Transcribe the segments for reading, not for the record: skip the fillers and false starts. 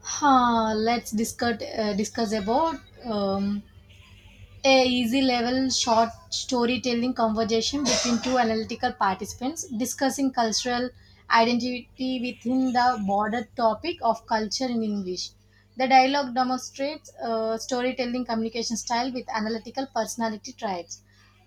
Let's discuss about um, a easy level short storytelling conversation between two analytical participants discussing cultural identity within the broader topic of culture in English. The dialogue demonstrates storytelling communication style with analytical personality traits.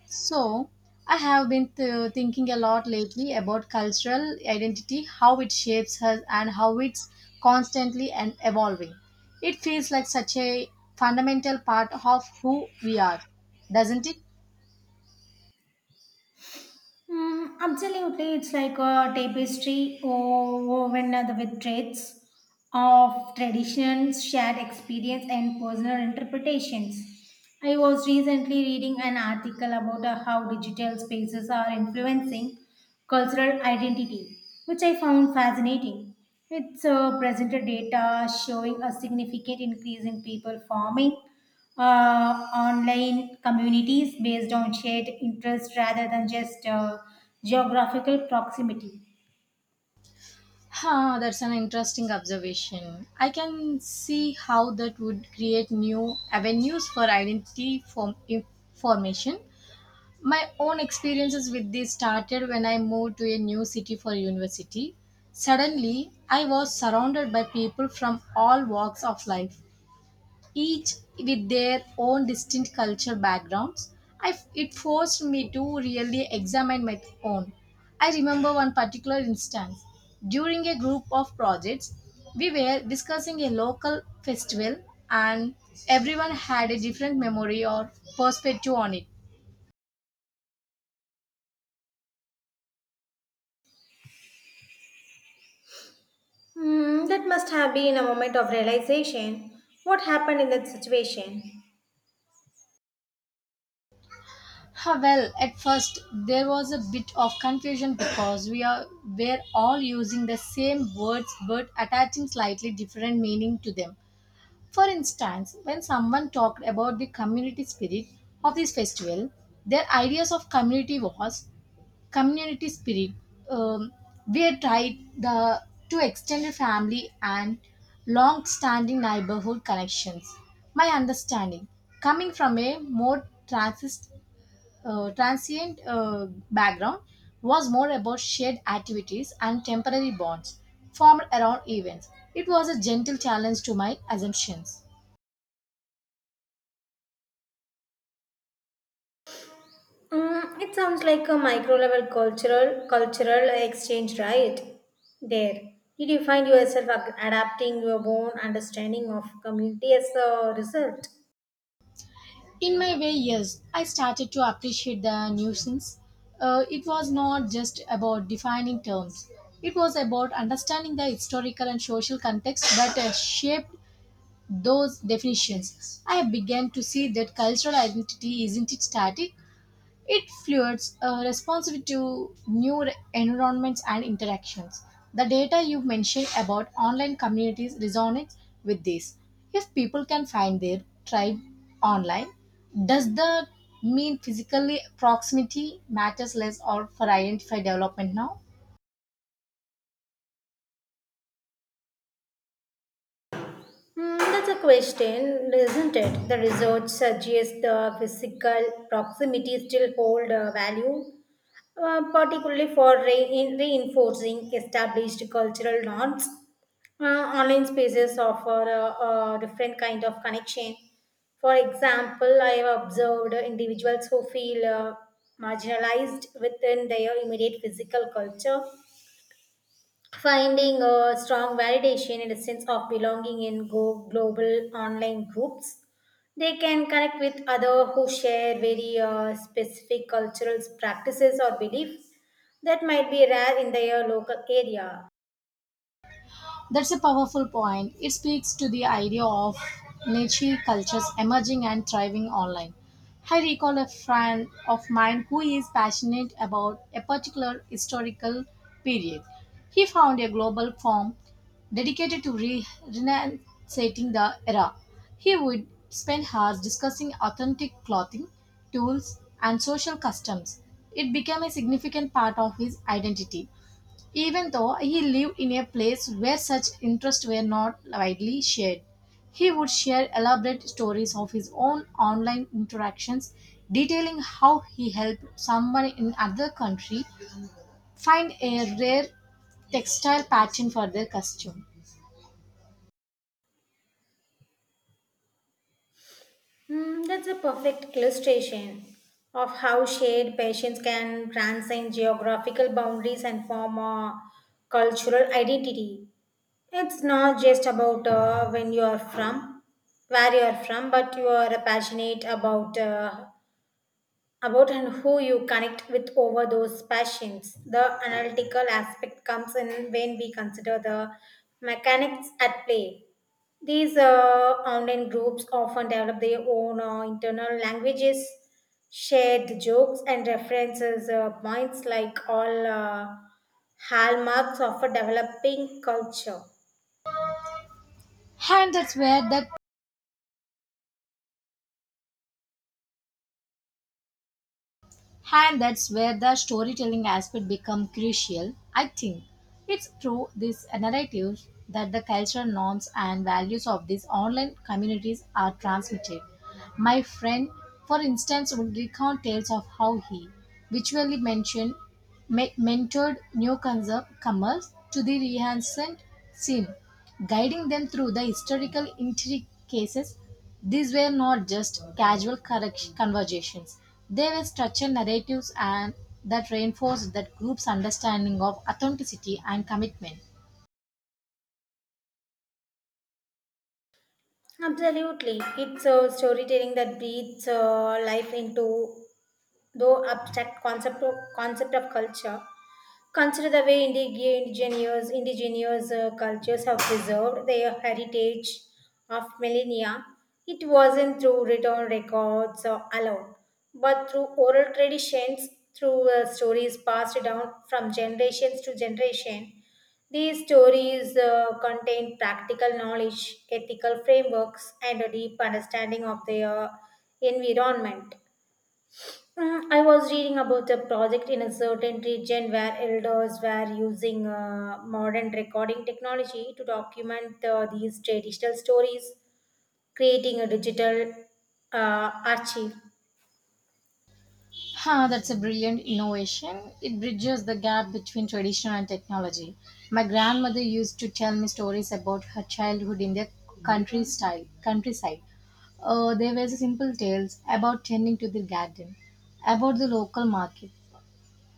So, I have been thinking a lot lately about cultural identity, how it shapes us, and how it's constantly and evolving. It feels like such a fundamental part of who we are, doesn't it? Mm, absolutely, it's like a tapestry woven with threads of traditions, shared experience, and personal interpretations. I was recently reading an article about how digital spaces are influencing cultural identity, which I found fascinating. It's presented data showing a significant increase in people forming online communities based on shared interests rather than just geographical proximity. Huh, that's an interesting observation. I can see how that would create new avenues for information. My own experiences with this started when I moved to a new city for university. Suddenly, I was surrounded by people from all walks of life, each with their own distinct culture backgrounds. It forced me to really examine my own. I remember one particular instance. During a group of projects, we were discussing a local festival, and everyone had a different memory or perspective on it. Hmm, that must have been a moment of realization. What happened in that situation? Ah, well, at first there was a bit of confusion because we are were all using the same words but attaching slightly different meaning to them. For instance, when someone talked about the community spirit of this festival, their ideas of community was community spirit. Um, we had tried the to extended family and long-standing neighborhood connections. My understanding, coming from a more transist transient background was more about shared activities and temporary bonds formed around events. It was a gentle challenge to my assumptions. Mm, it sounds like a micro level cultural exchange, right? There. Did you find yourself adapting your own understanding of community as a result? In my way, yes, I started to appreciate the nuisance. It was not just about defining terms, it was about understanding the historical and social context that shaped those definitions. I began to see that cultural identity isn't it static. It fuels a responsive to new environments and interactions. The data you mentioned about online communities resonates with this. If people can find their tribe online, does that mean physically proximity matters less or for identify development now? Hmm, that's a question, isn't it? The research suggests the physical proximity still hold value, particularly for in reinforcing established cultural norms. Online spaces offer a different kind of connection. For example, I have observed individuals who feel marginalized within their immediate physical culture finding a strong validation and a sense of belonging in go global online groups. They can connect with others who share very specific cultural practices or beliefs that might be rare in their local area. That's a powerful point. It speaks to the idea of niche cultures emerging and thriving online. I recall a friend of mine who is passionate about a particular historical period. He found a global forum dedicated to renunciating the era. He would spend hours discussing authentic clothing, tools, and social customs. It became a significant part of his identity. Even though he lived in a place where such interests were not widely shared, he would share elaborate stories of his own online interactions detailing how he helped someone in another country find a rare textile pattern for their costume. Hmm, that's a perfect illustration of how shared passions can transcend geographical boundaries and form a cultural identity. It's not just about when you are from, where you are from, but you are passionate about and who you connect with over those passions. The analytical aspect comes in when we consider the mechanics at play. These online groups often develop their own internal languages, shared jokes, and references points like all hallmarks of a developing culture. And that's where the And that's where the storytelling aspect become crucial. I think it's through these narratives that the cultural norms and values of these online communities are transmitted. My friend, for instance, would recount tales of how he virtually mentored newcomers to the Renaissance scene, guiding them through the historical intricacies these were not just casual conversations, they were structured narratives and that reinforced that group's understanding of authenticity and commitment. Absolutely. It's a storytelling that breathes life into though abstract concept of culture. Consider the way indigenous cultures have preserved their heritage of millennia. It wasn't through written records or alone, but through oral traditions, through stories passed down from generations to generation. These stories contain practical knowledge, ethical frameworks, and a deep understanding of their environment. Mm, I was reading about a project in a certain region where elders were using modern recording technology to document these traditional stories, creating a digital archive. Huh, that's a brilliant innovation. It bridges the gap between tradition and technology. My grandmother used to tell me stories about her childhood in the countryside. There were simple tales about tending to the garden, about the local market,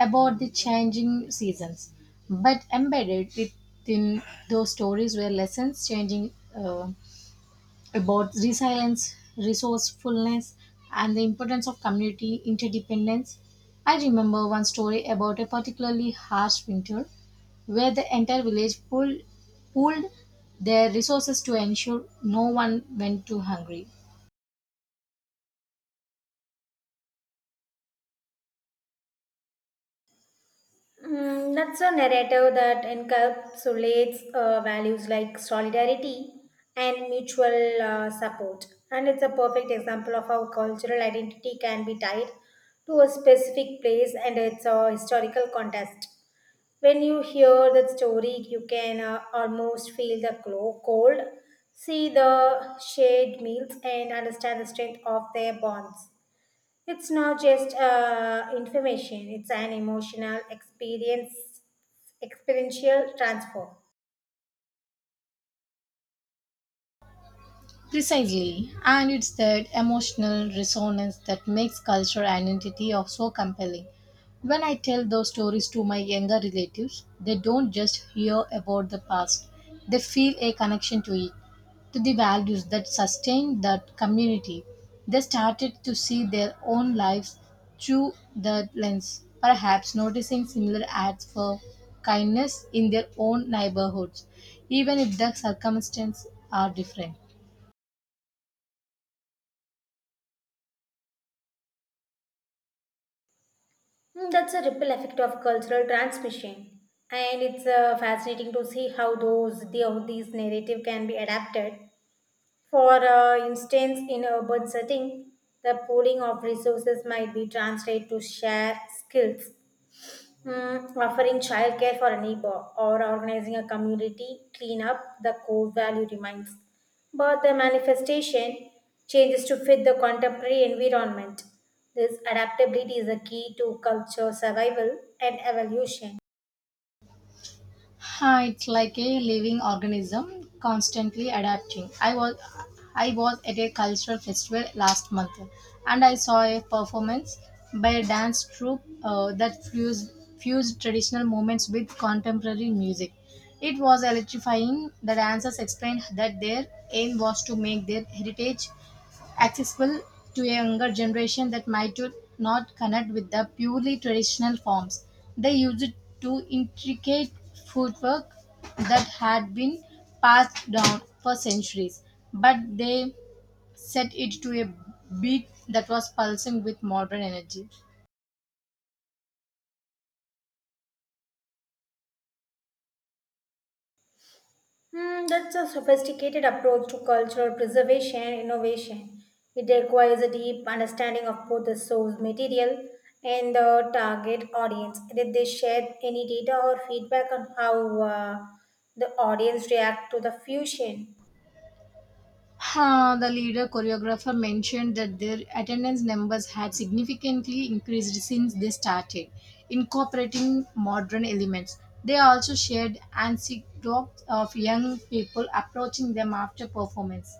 about the changing seasons, but embedded within those stories were lessons changing about resilience, resourcefulness, and the importance of community interdependence. I remember one story about a particularly harsh winter where the entire village pulled pooled their resources to ensure no one went too hungry. Mm, that's a narrative that encapsulates values like solidarity and mutual support. And it's a perfect example of how cultural identity can be tied to a specific place and its historical context. When you hear that story, you can almost feel the cold, see the shared meals, and understand the strength of their bonds. It's not just information, it's an emotional experience, experiential transfer. Precisely, and it's that emotional resonance that makes cultural identity of so compelling. When I tell those stories to my younger relatives, they don't just hear about the past, they feel a connection to it, to the values that sustain that community. They started to see their own lives through that lens, perhaps noticing similar acts for kindness in their own neighborhoods, even if the circumstances are different. Mm, that's a ripple effect of cultural transmission. And it's fascinating to see how how these narrative can be adapted. For instance, in urban setting, the pooling of resources might be translated to share skills, mm, offering childcare for a neighbor or organizing a community cleanup. The core value remains, but the manifestation changes to fit the contemporary environment. This adaptability is a key to culture survival and evolution. Huh, it's like a living organism constantly adapting. I was at a cultural festival last month and I saw a performance by a dance troupe that fused traditional movements with contemporary music. It was electrifying. The dancers explained that their aim was to make their heritage accessible to a younger generation that might to not connect with the purely traditional forms. They used it to intricate footwork that had been passed down for centuries, but they set it to a beat that was pulsing with modern energy. Hmm, that's a sophisticated approach to cultural preservation and innovation. It requires a deep understanding of both the source material and the target audience. Did they share any data or feedback on how the audience react to the fusion? Huh, the leader choreographer mentioned that their attendance numbers had significantly increased since they started, incorporating modern elements. They also shared anecdotes of young people approaching them after performance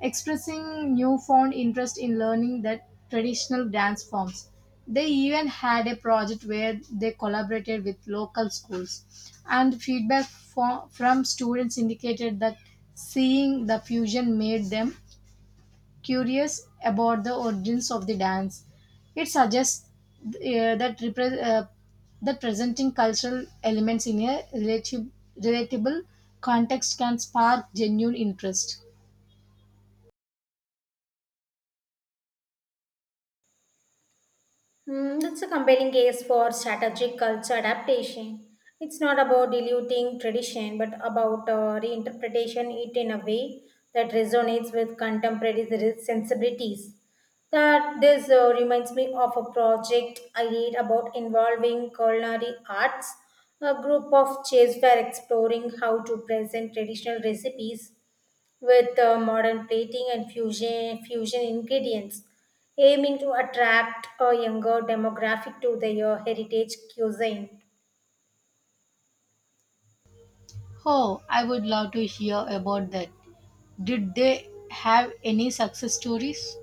expressing newfound interest in learning that traditional dance forms. They even had a project where they collaborated with local schools, and feedback from students indicated that seeing the fusion made them curious about the origins of the dance. It suggests uh, that repre- uh, that presenting cultural elements in a relatable context can spark genuine interest. Hmm, that's a compelling case for strategic culture adaptation. It's not about diluting tradition, but about reinterpretation it in a way that resonates with contemporary sensibilities. That this reminds me of a project I did about involving culinary arts. A group of chefs were exploring how to present traditional recipes with modern plating and fusion ingredients, aiming to attract a younger demographic to their heritage cuisine. Oh, I would love to hear about that. Did they have any success stories?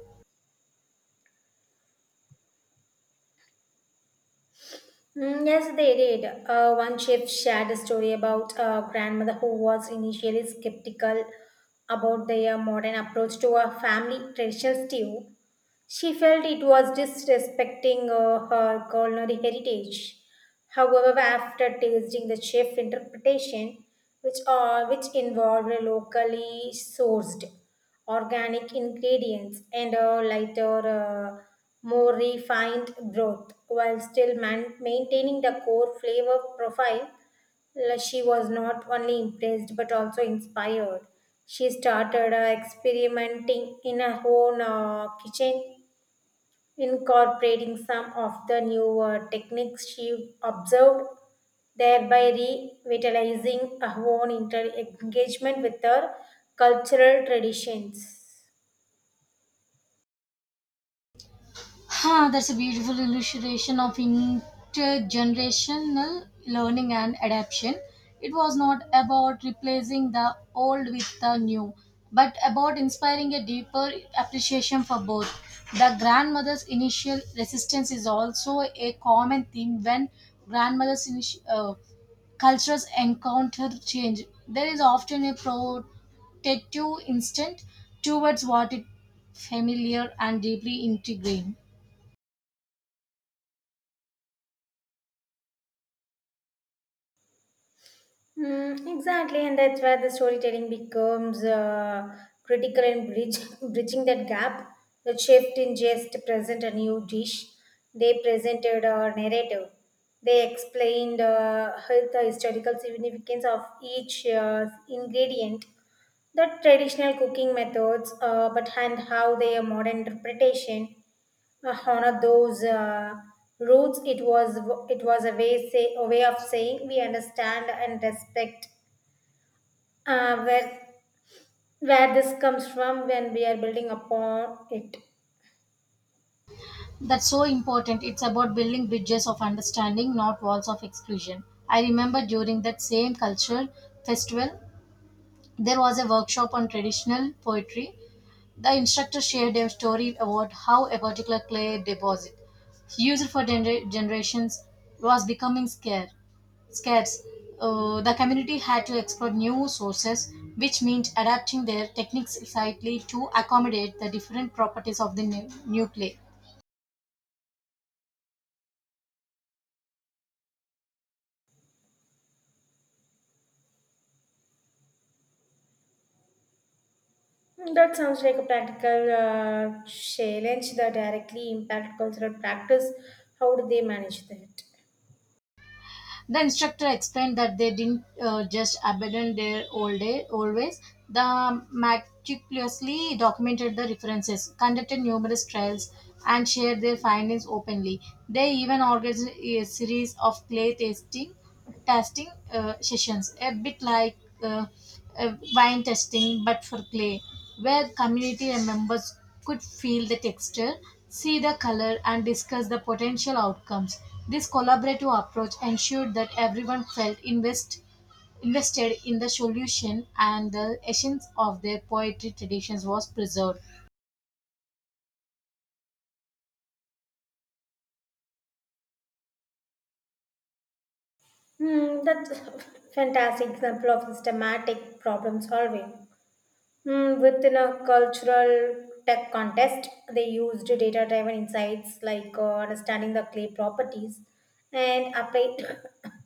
Mm, yes, they did. One chef shared a story about a grandmother who was initially skeptical about their modern approach to a family traditional stew. She felt it was disrespecting her culinary heritage. However, after tasting the chef interpretation, which involved locally sourced organic ingredients and a lighter, uh, more refined broth, while still maintaining the core flavor profile, she was not only impressed but also inspired. She started experimenting in her own kitchen incorporating some of the newer techniques she observed, thereby revitalizing her own engagement with her cultural traditions. Huh, that's a beautiful illustration of intergenerational learning and adaptation. It was not about replacing the old with the new, but about inspiring a deeper appreciation for both. The grandmother's initial resistance is also a common theme when grandmother's initi- uh, cultures encounter change. There is often a protective instinct towards what is familiar and deeply intriguing. Mm, exactly, and that's where the storytelling becomes critical in bridging that gap. The shift in just present a new dish, they presented a narrative. They explained the historical significance of each ingredient the traditional cooking methods, but and how their modern interpretation honor those roots. It was it was a way of saying we understand and respect uh, where where this comes from when we are building upon it. That's so important. It's about building bridges of understanding, not walls of exclusion. I remember during that same cultural festival, there was a workshop on traditional poetry. The instructor shared a story about how a particular clay deposit, used for generations, was becoming scarce. The community had to explore new sources, which meant adapting their techniques slightly to accommodate the different properties of the new clay. That sounds like a practical challenge that directly impact cultural practice. How do they manage that? The instructor explained that they didn't just abandon their old day, always. The meticulously documented the references, conducted numerous trials, and shared their findings openly. They even organized a series of clay tasting testing sessions, a bit like uh, wine testing but for clay, where community members could feel the texture, see the color, and discuss the potential outcomes. This collaborative approach ensured that everyone felt invested in the solution and the essence of their poetry traditions was preserved. Hmm, that's a fantastic example of systematic problem solving. Hmm, within a cultural tech contest, they used data driven insights like understanding the clay properties and applied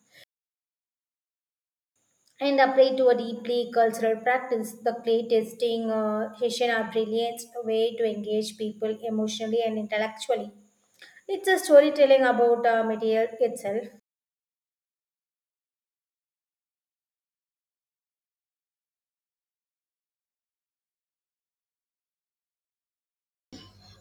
and applied to a deeply cultural practice. The clay testing session are brilliant way to engage people emotionally and intellectually. It's a storytelling about material itself.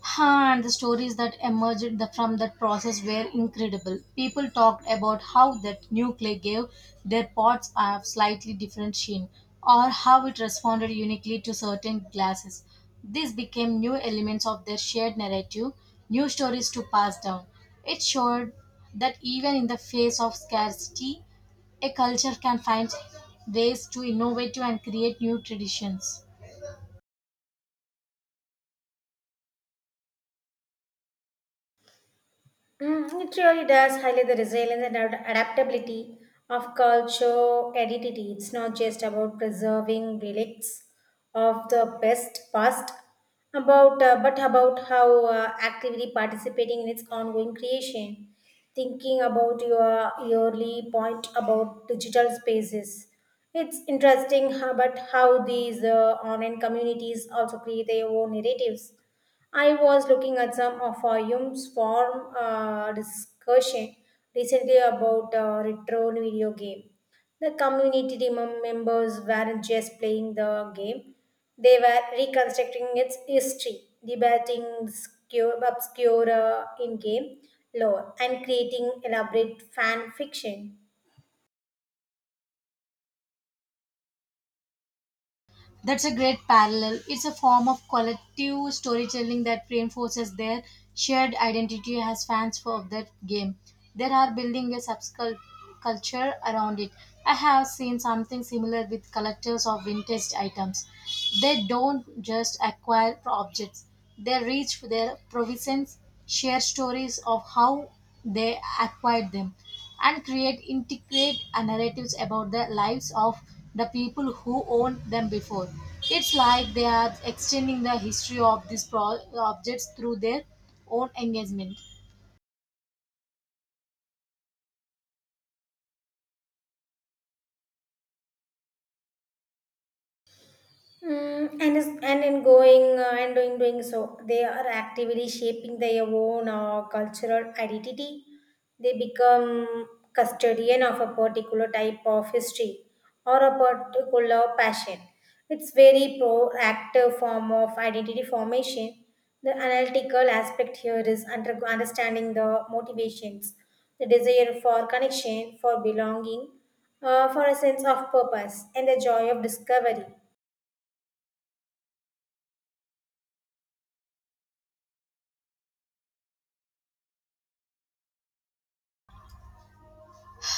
Huh, and the stories that emerged from that process were incredible. People talked about how that new clay gave their pots a slightly different sheen, or how it responded uniquely to certain glasses. These became new elements of their shared narrative, new stories to pass down. It showed that even in the face of scarcity, a culture can find ways to innovate and create new traditions. Mm, it really does highlight the resilience and adaptability of culture identity. It's not just about preserving relics of the best past, about but about how actively participating in its ongoing creation. Thinking about your yearly point about digital spaces. It's interesting how, but how these online communities also create their own narratives. I was looking at some of Hume's form discussion recently about retro video game. The community members weren't just playing the game; they were reconstructing its history, debating obscure in-game lore, and creating elaborate fan fiction. That's a great parallel. It's a form of collective storytelling that reinforces their shared identity as fans for that game. They are building a subculture around it. I have seen something similar with collectors of vintage items. They don't just acquire objects, they reach for their provisions, share stories of how they acquired them and create integrate narratives about the lives of the people who owned them before. It's like they are extending the history of these objects through their own engagement. Mm, and is, and in going and doing so, they are actively shaping their own cultural identity. They become custodian of a particular type of history or a particular passion. It's very proactive form of identity formation. The analytical aspect here is understanding the motivations, the desire for connection, for belonging, for a sense of purpose, and the joy of discovery.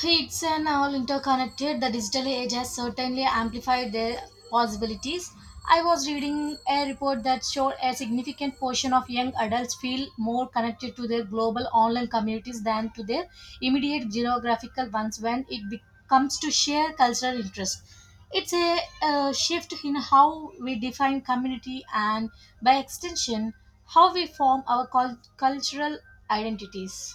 It's an all interconnected. The digital age has certainly amplified their possibilities. I was reading a report that showed a significant portion of young adults feel more connected to their global online communities than to their immediate geographical ones when comes to shared cultural interest. It's a, shift in how we define community and, by extension, how we form our cultural identities.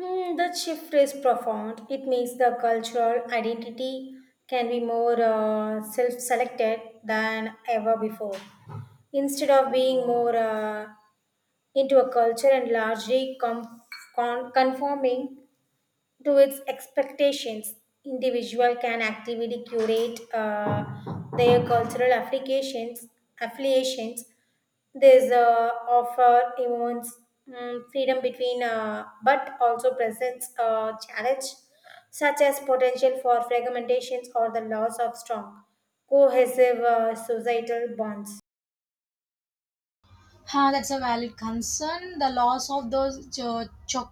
Hmm, that shift is profound. It makes the cultural identity can be more self-selected than ever before. Instead of being more into a culture and largely conforming to its expectations. Individual can actively curate their affiliations. There's offer events mm, freedom between, but also presents challenge such as potential for fragmentations or the loss of strong cohesive societal bonds. Huh, that's a valid concern. The loss of those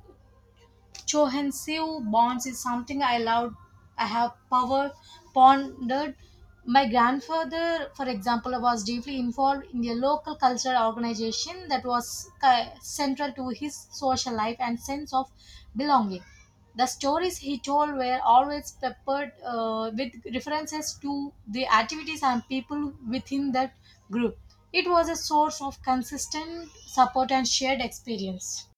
Cohesive bonds is something I loved. I have power pondered. My grandfather, for example, was deeply involved in a local cultural organization that was central to his social life and sense of belonging. The stories he told were always peppered with references to the activities and people within that group. It was a source of consistent support and shared experience.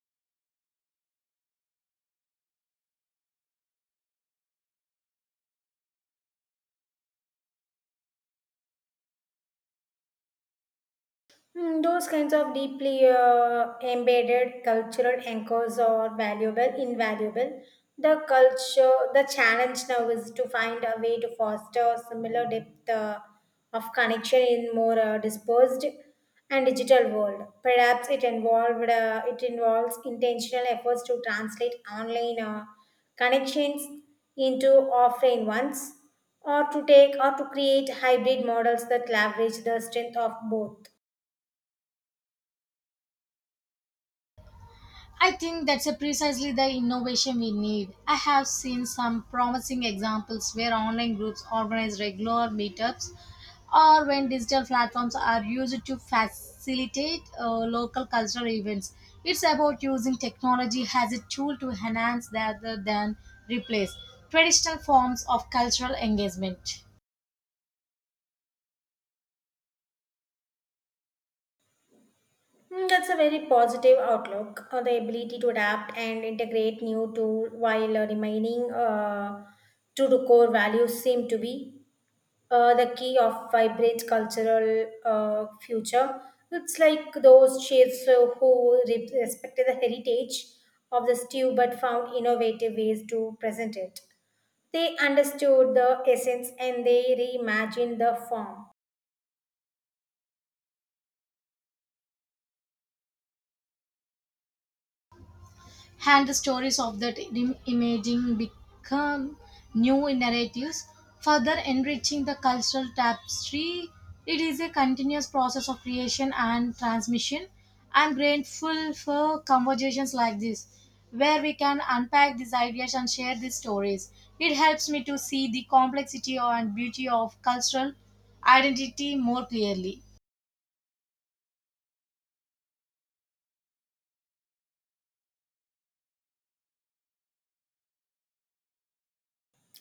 Mm, those kinds of deeply embedded cultural anchors are invaluable. The culture, the challenge now is to find a way to foster similar depth of connection in more dispersed and digital world. Perhaps it it involves intentional efforts to translate online connections into offline ones, or to create hybrid models that leverage the strength of both. I think that's a precisely the innovation we need. I have seen some promising examples where online groups organize regular meetups or when digital platforms are used to facilitate local cultural events. It's about using technology as a tool to enhance rather than replace traditional forms of cultural engagement. Mm, that's a very positive outlook. The ability to adapt and integrate new tool while remaining true to the core values seem to be the key of vibrant cultural future. It's like those chefs who respected the heritage of the stew but found innovative ways to present it. They understood the essence and they reimagined the form. And the stories of that imaging become new narratives, further enriching the cultural tapestry. It is a continuous process of creation and transmission. I'm grateful for conversations like this, where we can unpack these ideas and share these stories. It helps me to see the complexity and beauty of cultural identity more clearly.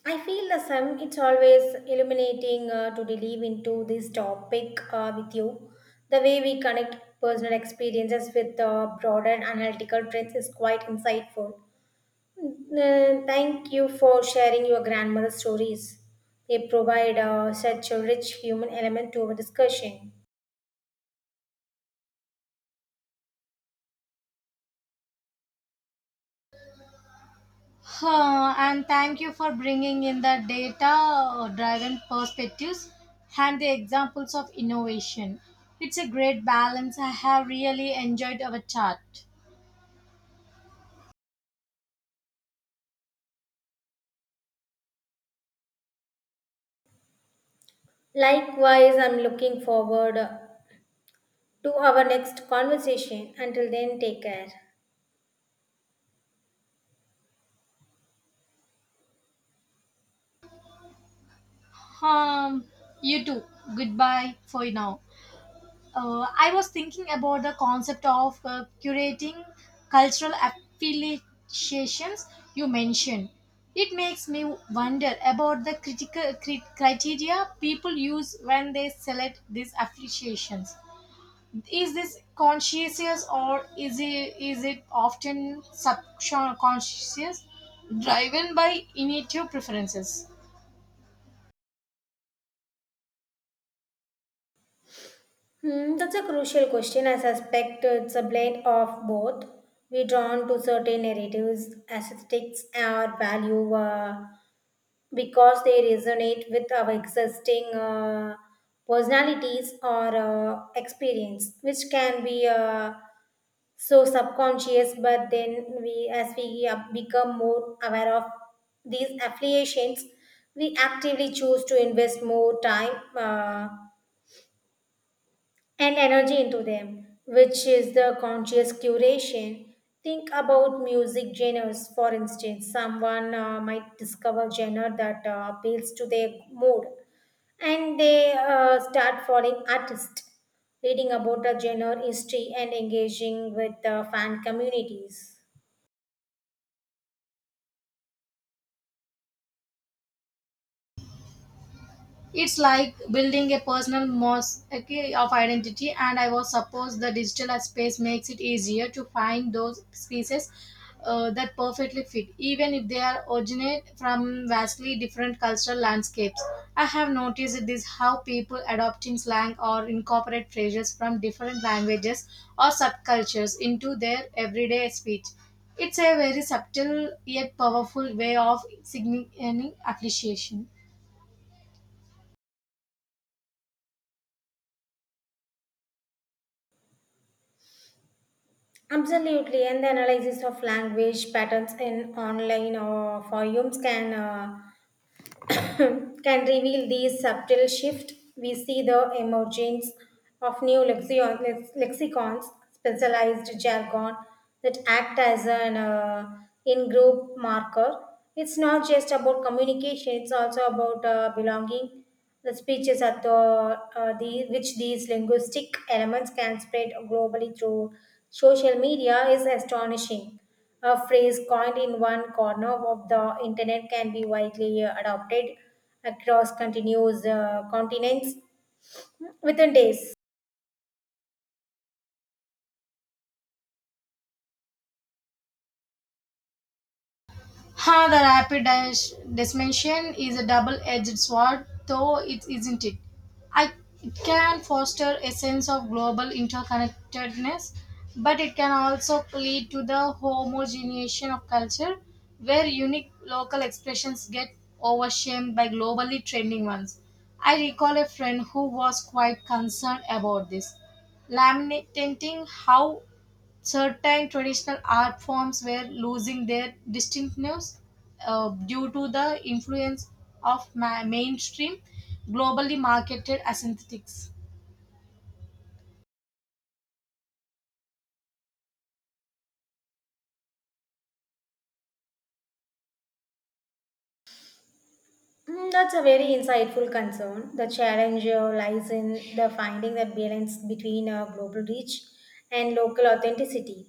I feel the same. It's always illuminating to delve into this topic with you. The way we connect personal experiences with broader analytical trends is quite insightful. Mm, thank you for sharing your grandmother's stories. They provide such a rich human element to our discussion. Huh, and thank you for bringing in the data driven perspectives and the examples of innovation. It's a great balance. I have really enjoyed our chat. Likewise, I'm looking forward to our next conversation. Until then, take care. Um, you too. Goodbye for now. I was thinking about the concept of curating cultural affiliations you mentioned. It makes me wonder about the critical criteria people use when they select these affiliations. Is this conscious or is it often subconscious, driven by intuitive preferences? Hmm, that's a crucial question. I suspect it's a blend of both. We drawn to certain narratives, aesthetics, or value because they resonate with our existing personalities or experience, which can be so subconscious. But then, as we become more aware of these affiliations, we actively choose to invest more time. Uh, and energy into them, which is the conscious curation. Think about music genres, for instance. Someone might discover genre that appeals to their mood, and they start following artists. Reading about the genre history and engaging with the fan communities. It's like building a personal mosaic of identity, and I was suppose the digital space makes it easier to find those pieces that perfectly fit, even if they are originate from vastly different cultural landscapes. I have noticed this how people adopting slang or incorporate phrases from different languages or subcultures into their everyday speech. It's a very subtle yet powerful way of signaling appreciation. Absolutely, and the analysis of language patterns in online or forums can can reveal these subtle shifts. We see the emergence of new lexicons, specialized jargon that act as an in-group marker. It's not just about communication; it's also about belonging the speeches are thought, which these linguistic elements can spread globally through social media is astonishing. A phrase coined in one corner of the internet can be widely adopted across continuous continents within days. Ha, the rapid dissemination is a double-edged sword, though it isn't it. I, it can foster a sense of global interconnectedness, but it can also lead to the homogenization of culture, where unique local expressions get overshadowed by globally trending ones. I recall a friend who was quite concerned about this, lamenting how certain traditional art forms were losing their distinctiveness due to the influence of mainstream globally marketed aesthetics. Mm, that's a very insightful concern. The challenge lies in the finding the balance between global reach and local authenticity.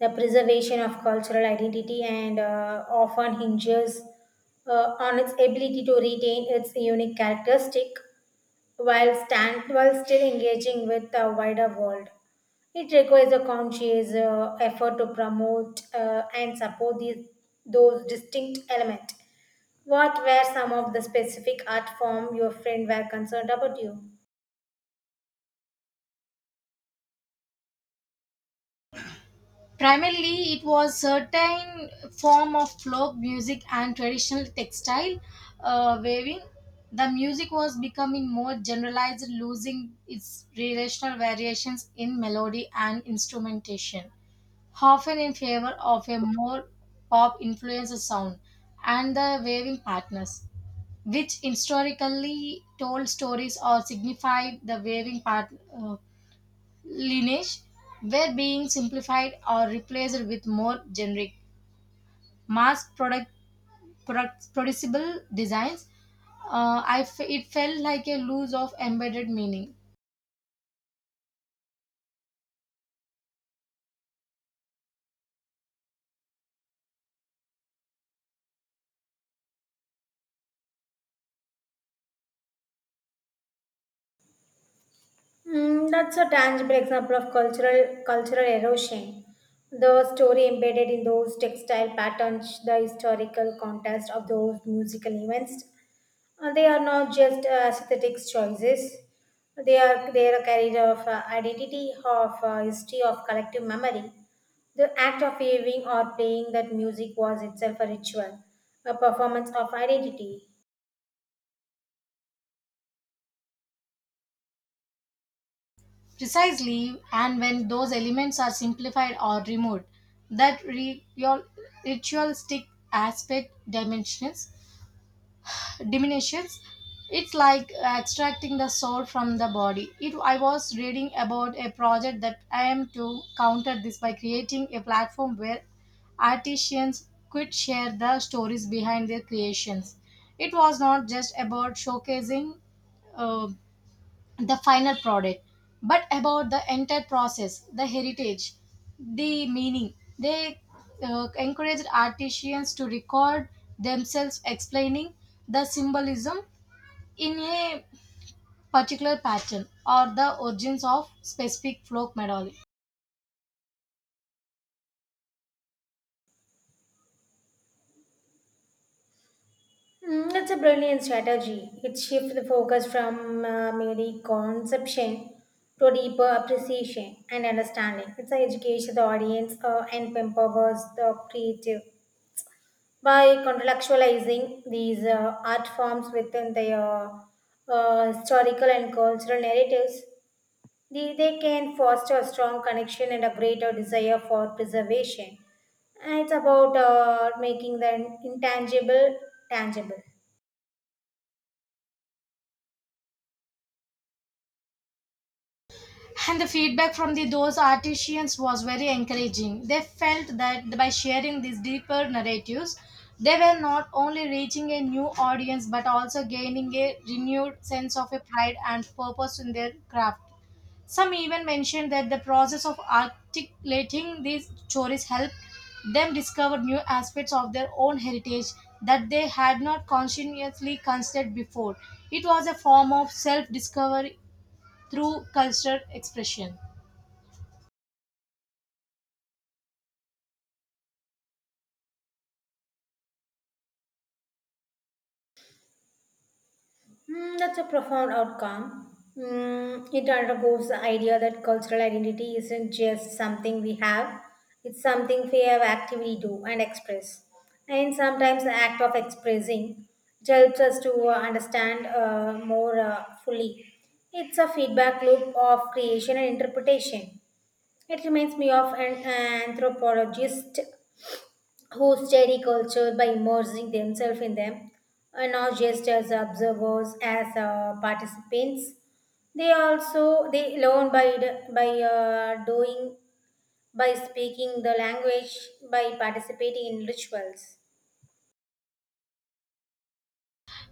The preservation of cultural identity and often hinges on its ability to retain its unique characteristic while stand while still engaging with the wider world. It requires a conscious effort to promote and support these those distinct elements. What were some of the specific art form your friend were concerned about you? Primarily it was certain form of folk music and traditional textile weaving. The music was becoming more generalized losing its relational variations in melody and instrumentation often in favor of a more pop influenced sound, and the waving partners, which historically told stories or signified the waving part uh, lineage, were being simplified or replaced with more generic, mass product, product producible designs. It felt like a loss of embedded meaning. Mm, that's a tangible example of cultural erosion. The story embedded in those textile patterns, the historical context of those musical events, they are not just aesthetic choices. They are carried of identity, of history, of collective memory. The act of waving or playing that music was itself a ritual, a performance of identity. Precisely, and when those elements are simplified or removed, that your ritualistic aspect dimensions diminishes. It's like extracting the soul from the body. It, I was reading about a project that I am to counter this by creating a platform where artisans could share the stories behind their creations. It was not just about showcasing uh, the final product but about the entire process, the heritage, the meaning. They encouraged artisans to record themselves explaining the symbolism in a particular pattern or the origins of specific folk melody. Mm, that's a brilliant strategy. It shifts the focus from merely conception to deeper appreciation and understanding. It educates the audience and empowers the creative by contextualizing these art forms within their historical and cultural narratives. They can foster a strong connection and a greater desire for preservation. And it's about making the intangible tangible. And the feedback from the, those artisans was very encouraging. They felt that by sharing these deeper narratives, they were not only reaching a new audience but also gaining a renewed sense of a pride and purpose in their craft. Some even mentioned that the process of articulating these stories helped them discover new aspects of their own heritage that they had not consciously considered before. It was a form of self discovery through cultural expression. Mm, that's a profound outcome. Mm, it undergoes the idea that cultural identity isn't just something we have, it's something we have actively do and express. And sometimes the act of expressing it helps us to understand more fully. It's a feedback loop of creation and interpretation. It reminds me of an anthropologist who study culture by immersing themselves in them, and not just as observers, as participants. They also they learn by doing, by speaking the language, by participating in rituals.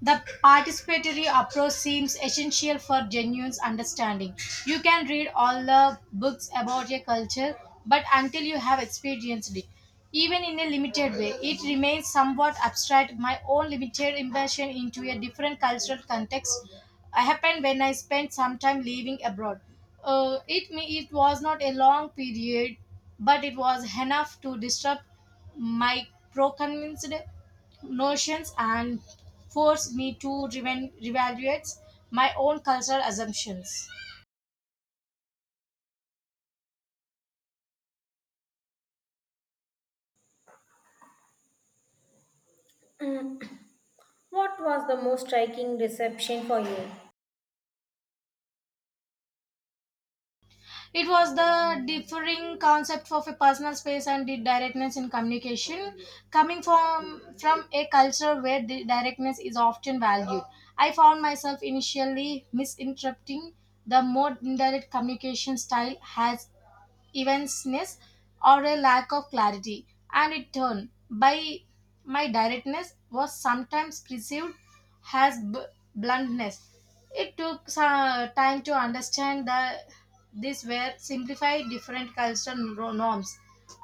The participatory approach seems essential for genuine understanding. You can read all the books about a culture, but until you have experienced it, even in a limited way, it remains somewhat abstract. My own limited immersion into a different cultural context happened when I spent some time living abroad. It was not a long period, but it was enough to disrupt my pro-convinced notions and forced me to reevaluate my own cultural assumptions. Mm. What was the most striking reception for you? It was the differing concept of a personal space and the directness in communication coming from a culture where the directness is often valued. I found myself initially misinterpreting the more indirect communication style as evenness, or a lack of clarity, and in turn, by my directness was sometimes perceived as bluntness. It took some time to understand that these were simplified different cultural norms,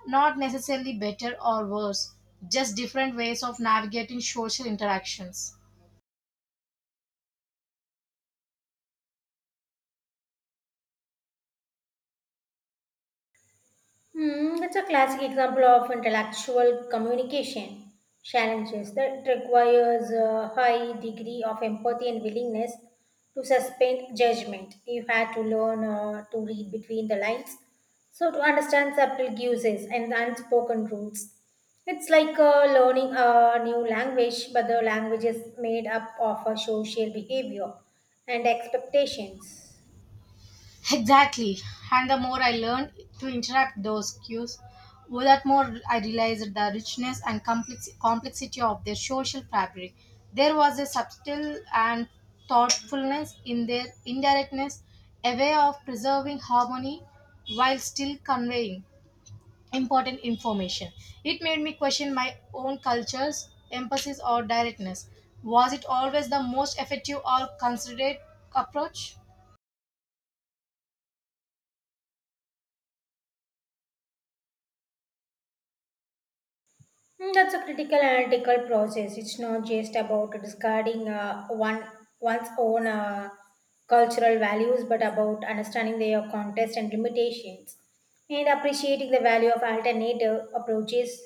not necessarily better or worse, just different ways of navigating social interactions. Hmm, that's a classic example of intellectual communication challenges that requires a high degree of empathy and willingness to suspend judgment. You had to learn to read between the lines, so to understand subtle uses and unspoken rules. It's like learning a new language, but the language is made up of social behavior and expectations. Exactly. And the more I learned to interrupt those cues, well, that more I realized the richness and complexity of their social fabric. There was a subtle and thoughtfulness in their indirectness, a way of preserving harmony while still conveying important information. It made me question my own culture's emphasis or directness. Was it always the most effective or considerate approach? Mm, that's a critical analytical process. It's not just about discarding one's own cultural values, but about understanding their context and limitations, and appreciating the value of alternative approaches.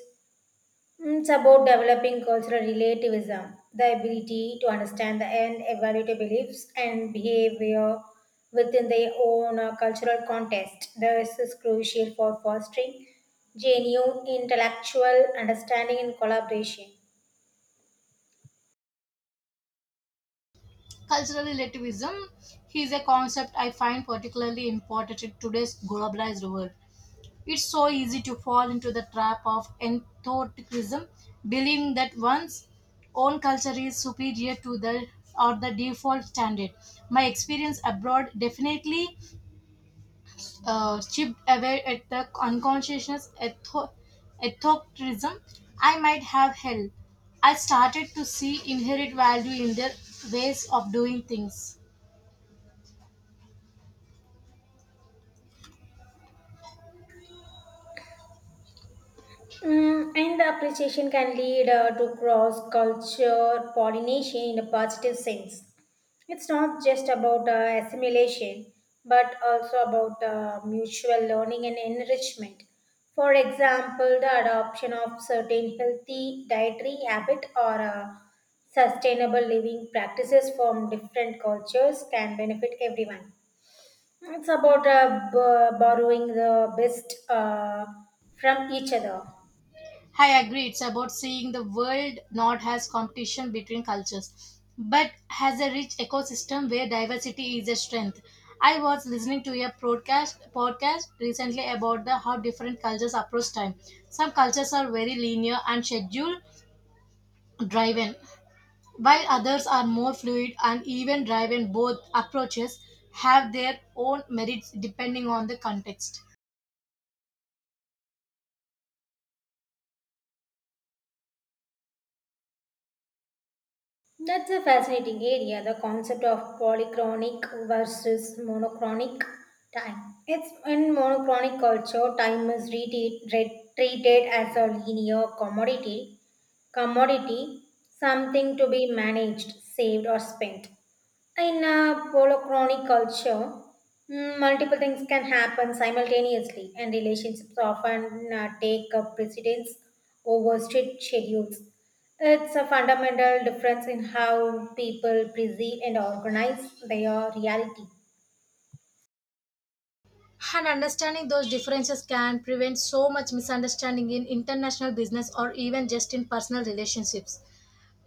Mm, it's about developing cultural relativism, the ability to understand the and evaluate the beliefs and behavior within their own cultural context. This is crucial for fostering genuine intellectual understanding and collaboration. Cultural relativism is a concept I find particularly important in today's globalized world. It's so easy to fall into the trap of enthusiasm, believing that one's own culture is superior to the or the default standard. My experience abroad definitely chipped away at the unconscious etho- ethocentrism I might have held. I started to see inherent value in their ways of doing things. Mm, and the appreciation can lead to cross culture pollination in a positive sense. It's not just about assimilation, but also about mutual learning and enrichment. For example, the adoption of certain healthy dietary habit or sustainable living practices from different cultures can benefit everyone. It's about borrowing the best from each other. I agree. It's about seeing the world not as competition between cultures, but as a rich ecosystem where diversity is a strength. I was listening to a broadcast podcast recently about the how different cultures approach time. Some cultures are very linear and schedule driven, while others are more fluid and even driven. Both approaches have their own merits depending on the context. That's a fascinating area, the concept of polychronic versus monochronic time. It's in monochronic culture, time is treated as a linear commodity, something to be managed, saved, or spent. In a polychronic culture, mm, multiple things can happen simultaneously, and relationships often take up precedence over strict schedules. It's a fundamental difference in how people perceive and organize their reality. And understanding those differences can prevent so much misunderstanding in international business or even just in personal relationships.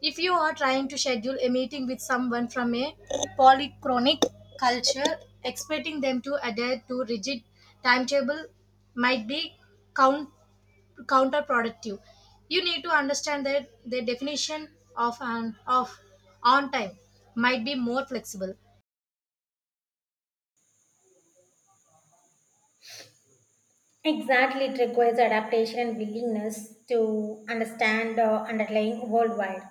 If you are trying to schedule a meeting with someone from a polychronic culture, expecting them to adhere to rigid timetable might be count, counterproductive. You need to understand that the definition of an of on time might be more flexible. Exactly, it requires adaptation and willingness to understand underlying worldwide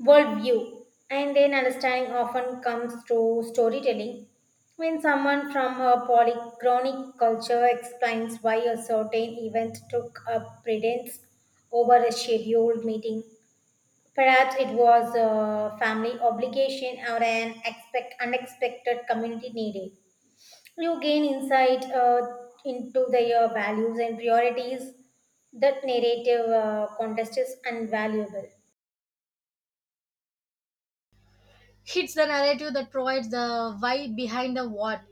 worldview, and then understanding often comes through storytelling. When someone from a polychronic culture explains why a certain event took up precedence over a scheduled meeting, perhaps it was a family obligation or an unexpected community need. You gain insight into their values and priorities. That narrative context is invaluable. It's the narrative that provides the why behind the what.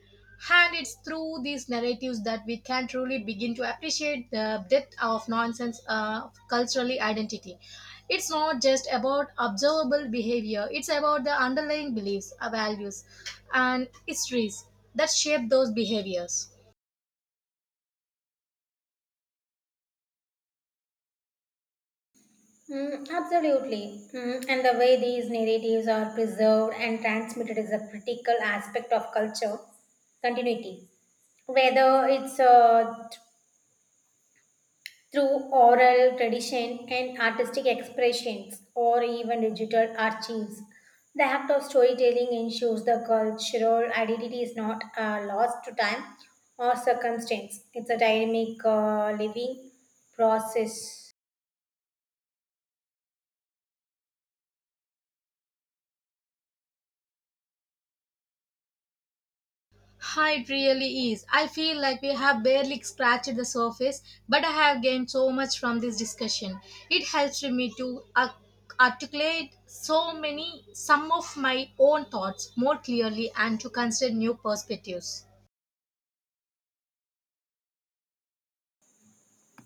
And it's through these narratives that we can truly begin to appreciate the depth of nonsense of culturally identity. It's not just about observable behavior, it's about the underlying beliefs, values, and histories that shape those behaviors. Mm, absolutely. Mm, and the way these narratives are preserved and transmitted is a critical aspect of culture continuity, whether it's through oral tradition and artistic expressions or even digital archives. The act of storytelling ensures the cultural identity is not lost to time or circumstance. It's a dynamic living process. Hi, it really is. I feel like we have barely scratched the surface, but I have gained so much from this discussion. It helps me to articulate so many, some of my own thoughts more clearly and to consider new perspectives.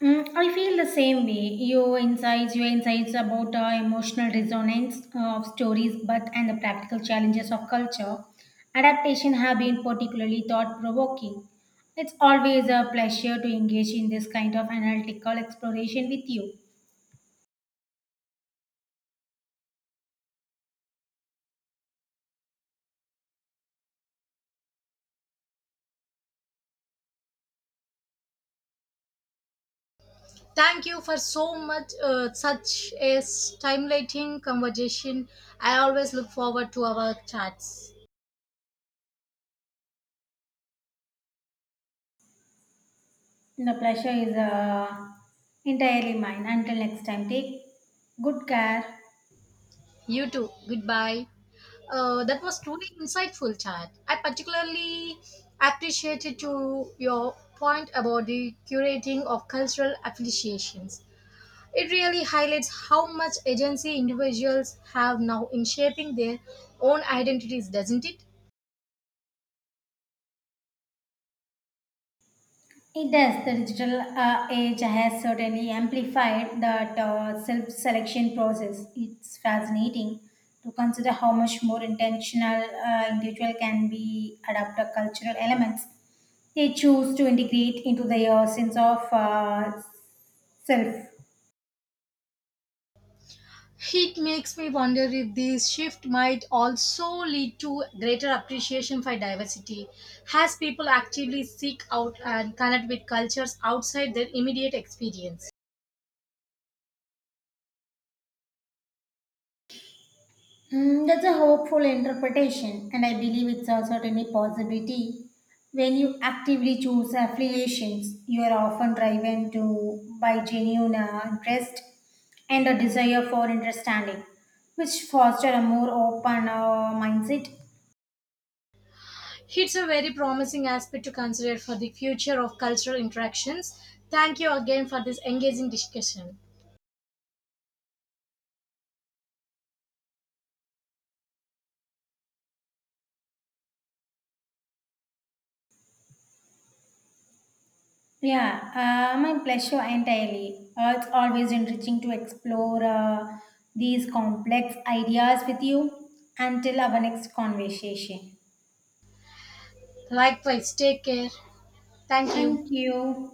Mm, I feel the same way. Your insights about emotional resonance of stories, but and the practical challenges of culture adaptation have been particularly thought provoking. It's always a pleasure to engage in this kind of analytical exploration with you. Thank you for so much, such a stimulating conversation. I always look forward to our chats. The pleasure is entirely mine. Until next time, take good care. You too. Goodbye. That was truly insightful chat. I particularly appreciated to your point about the curating of cultural affiliations. It really highlights how much agency individuals have now in shaping their own identities, doesn't it? It does. The digital age has certainly amplified that self selection process. It's fascinating to consider how much more intentional individual can be adapt the cultural elements they choose to integrate into their sense of self. It makes me wonder if this shift might also lead to greater appreciation for diversity as people actively seek out and connect with cultures outside their immediate experience. Hmm, that's a hopeful interpretation, and I believe it's also certainly possibility. When you actively choose affiliations, you are often driven to by genuine interest and a desire for understanding, which foster a more open mindset. It's a very promising aspect to consider for the future of cultural interactions. Thank you again for this engaging discussion. Yeah, my pleasure entirely. It's always enriching to explore these complex ideas with you. Until our next conversation. Likewise, take care. Thank you. Thank you.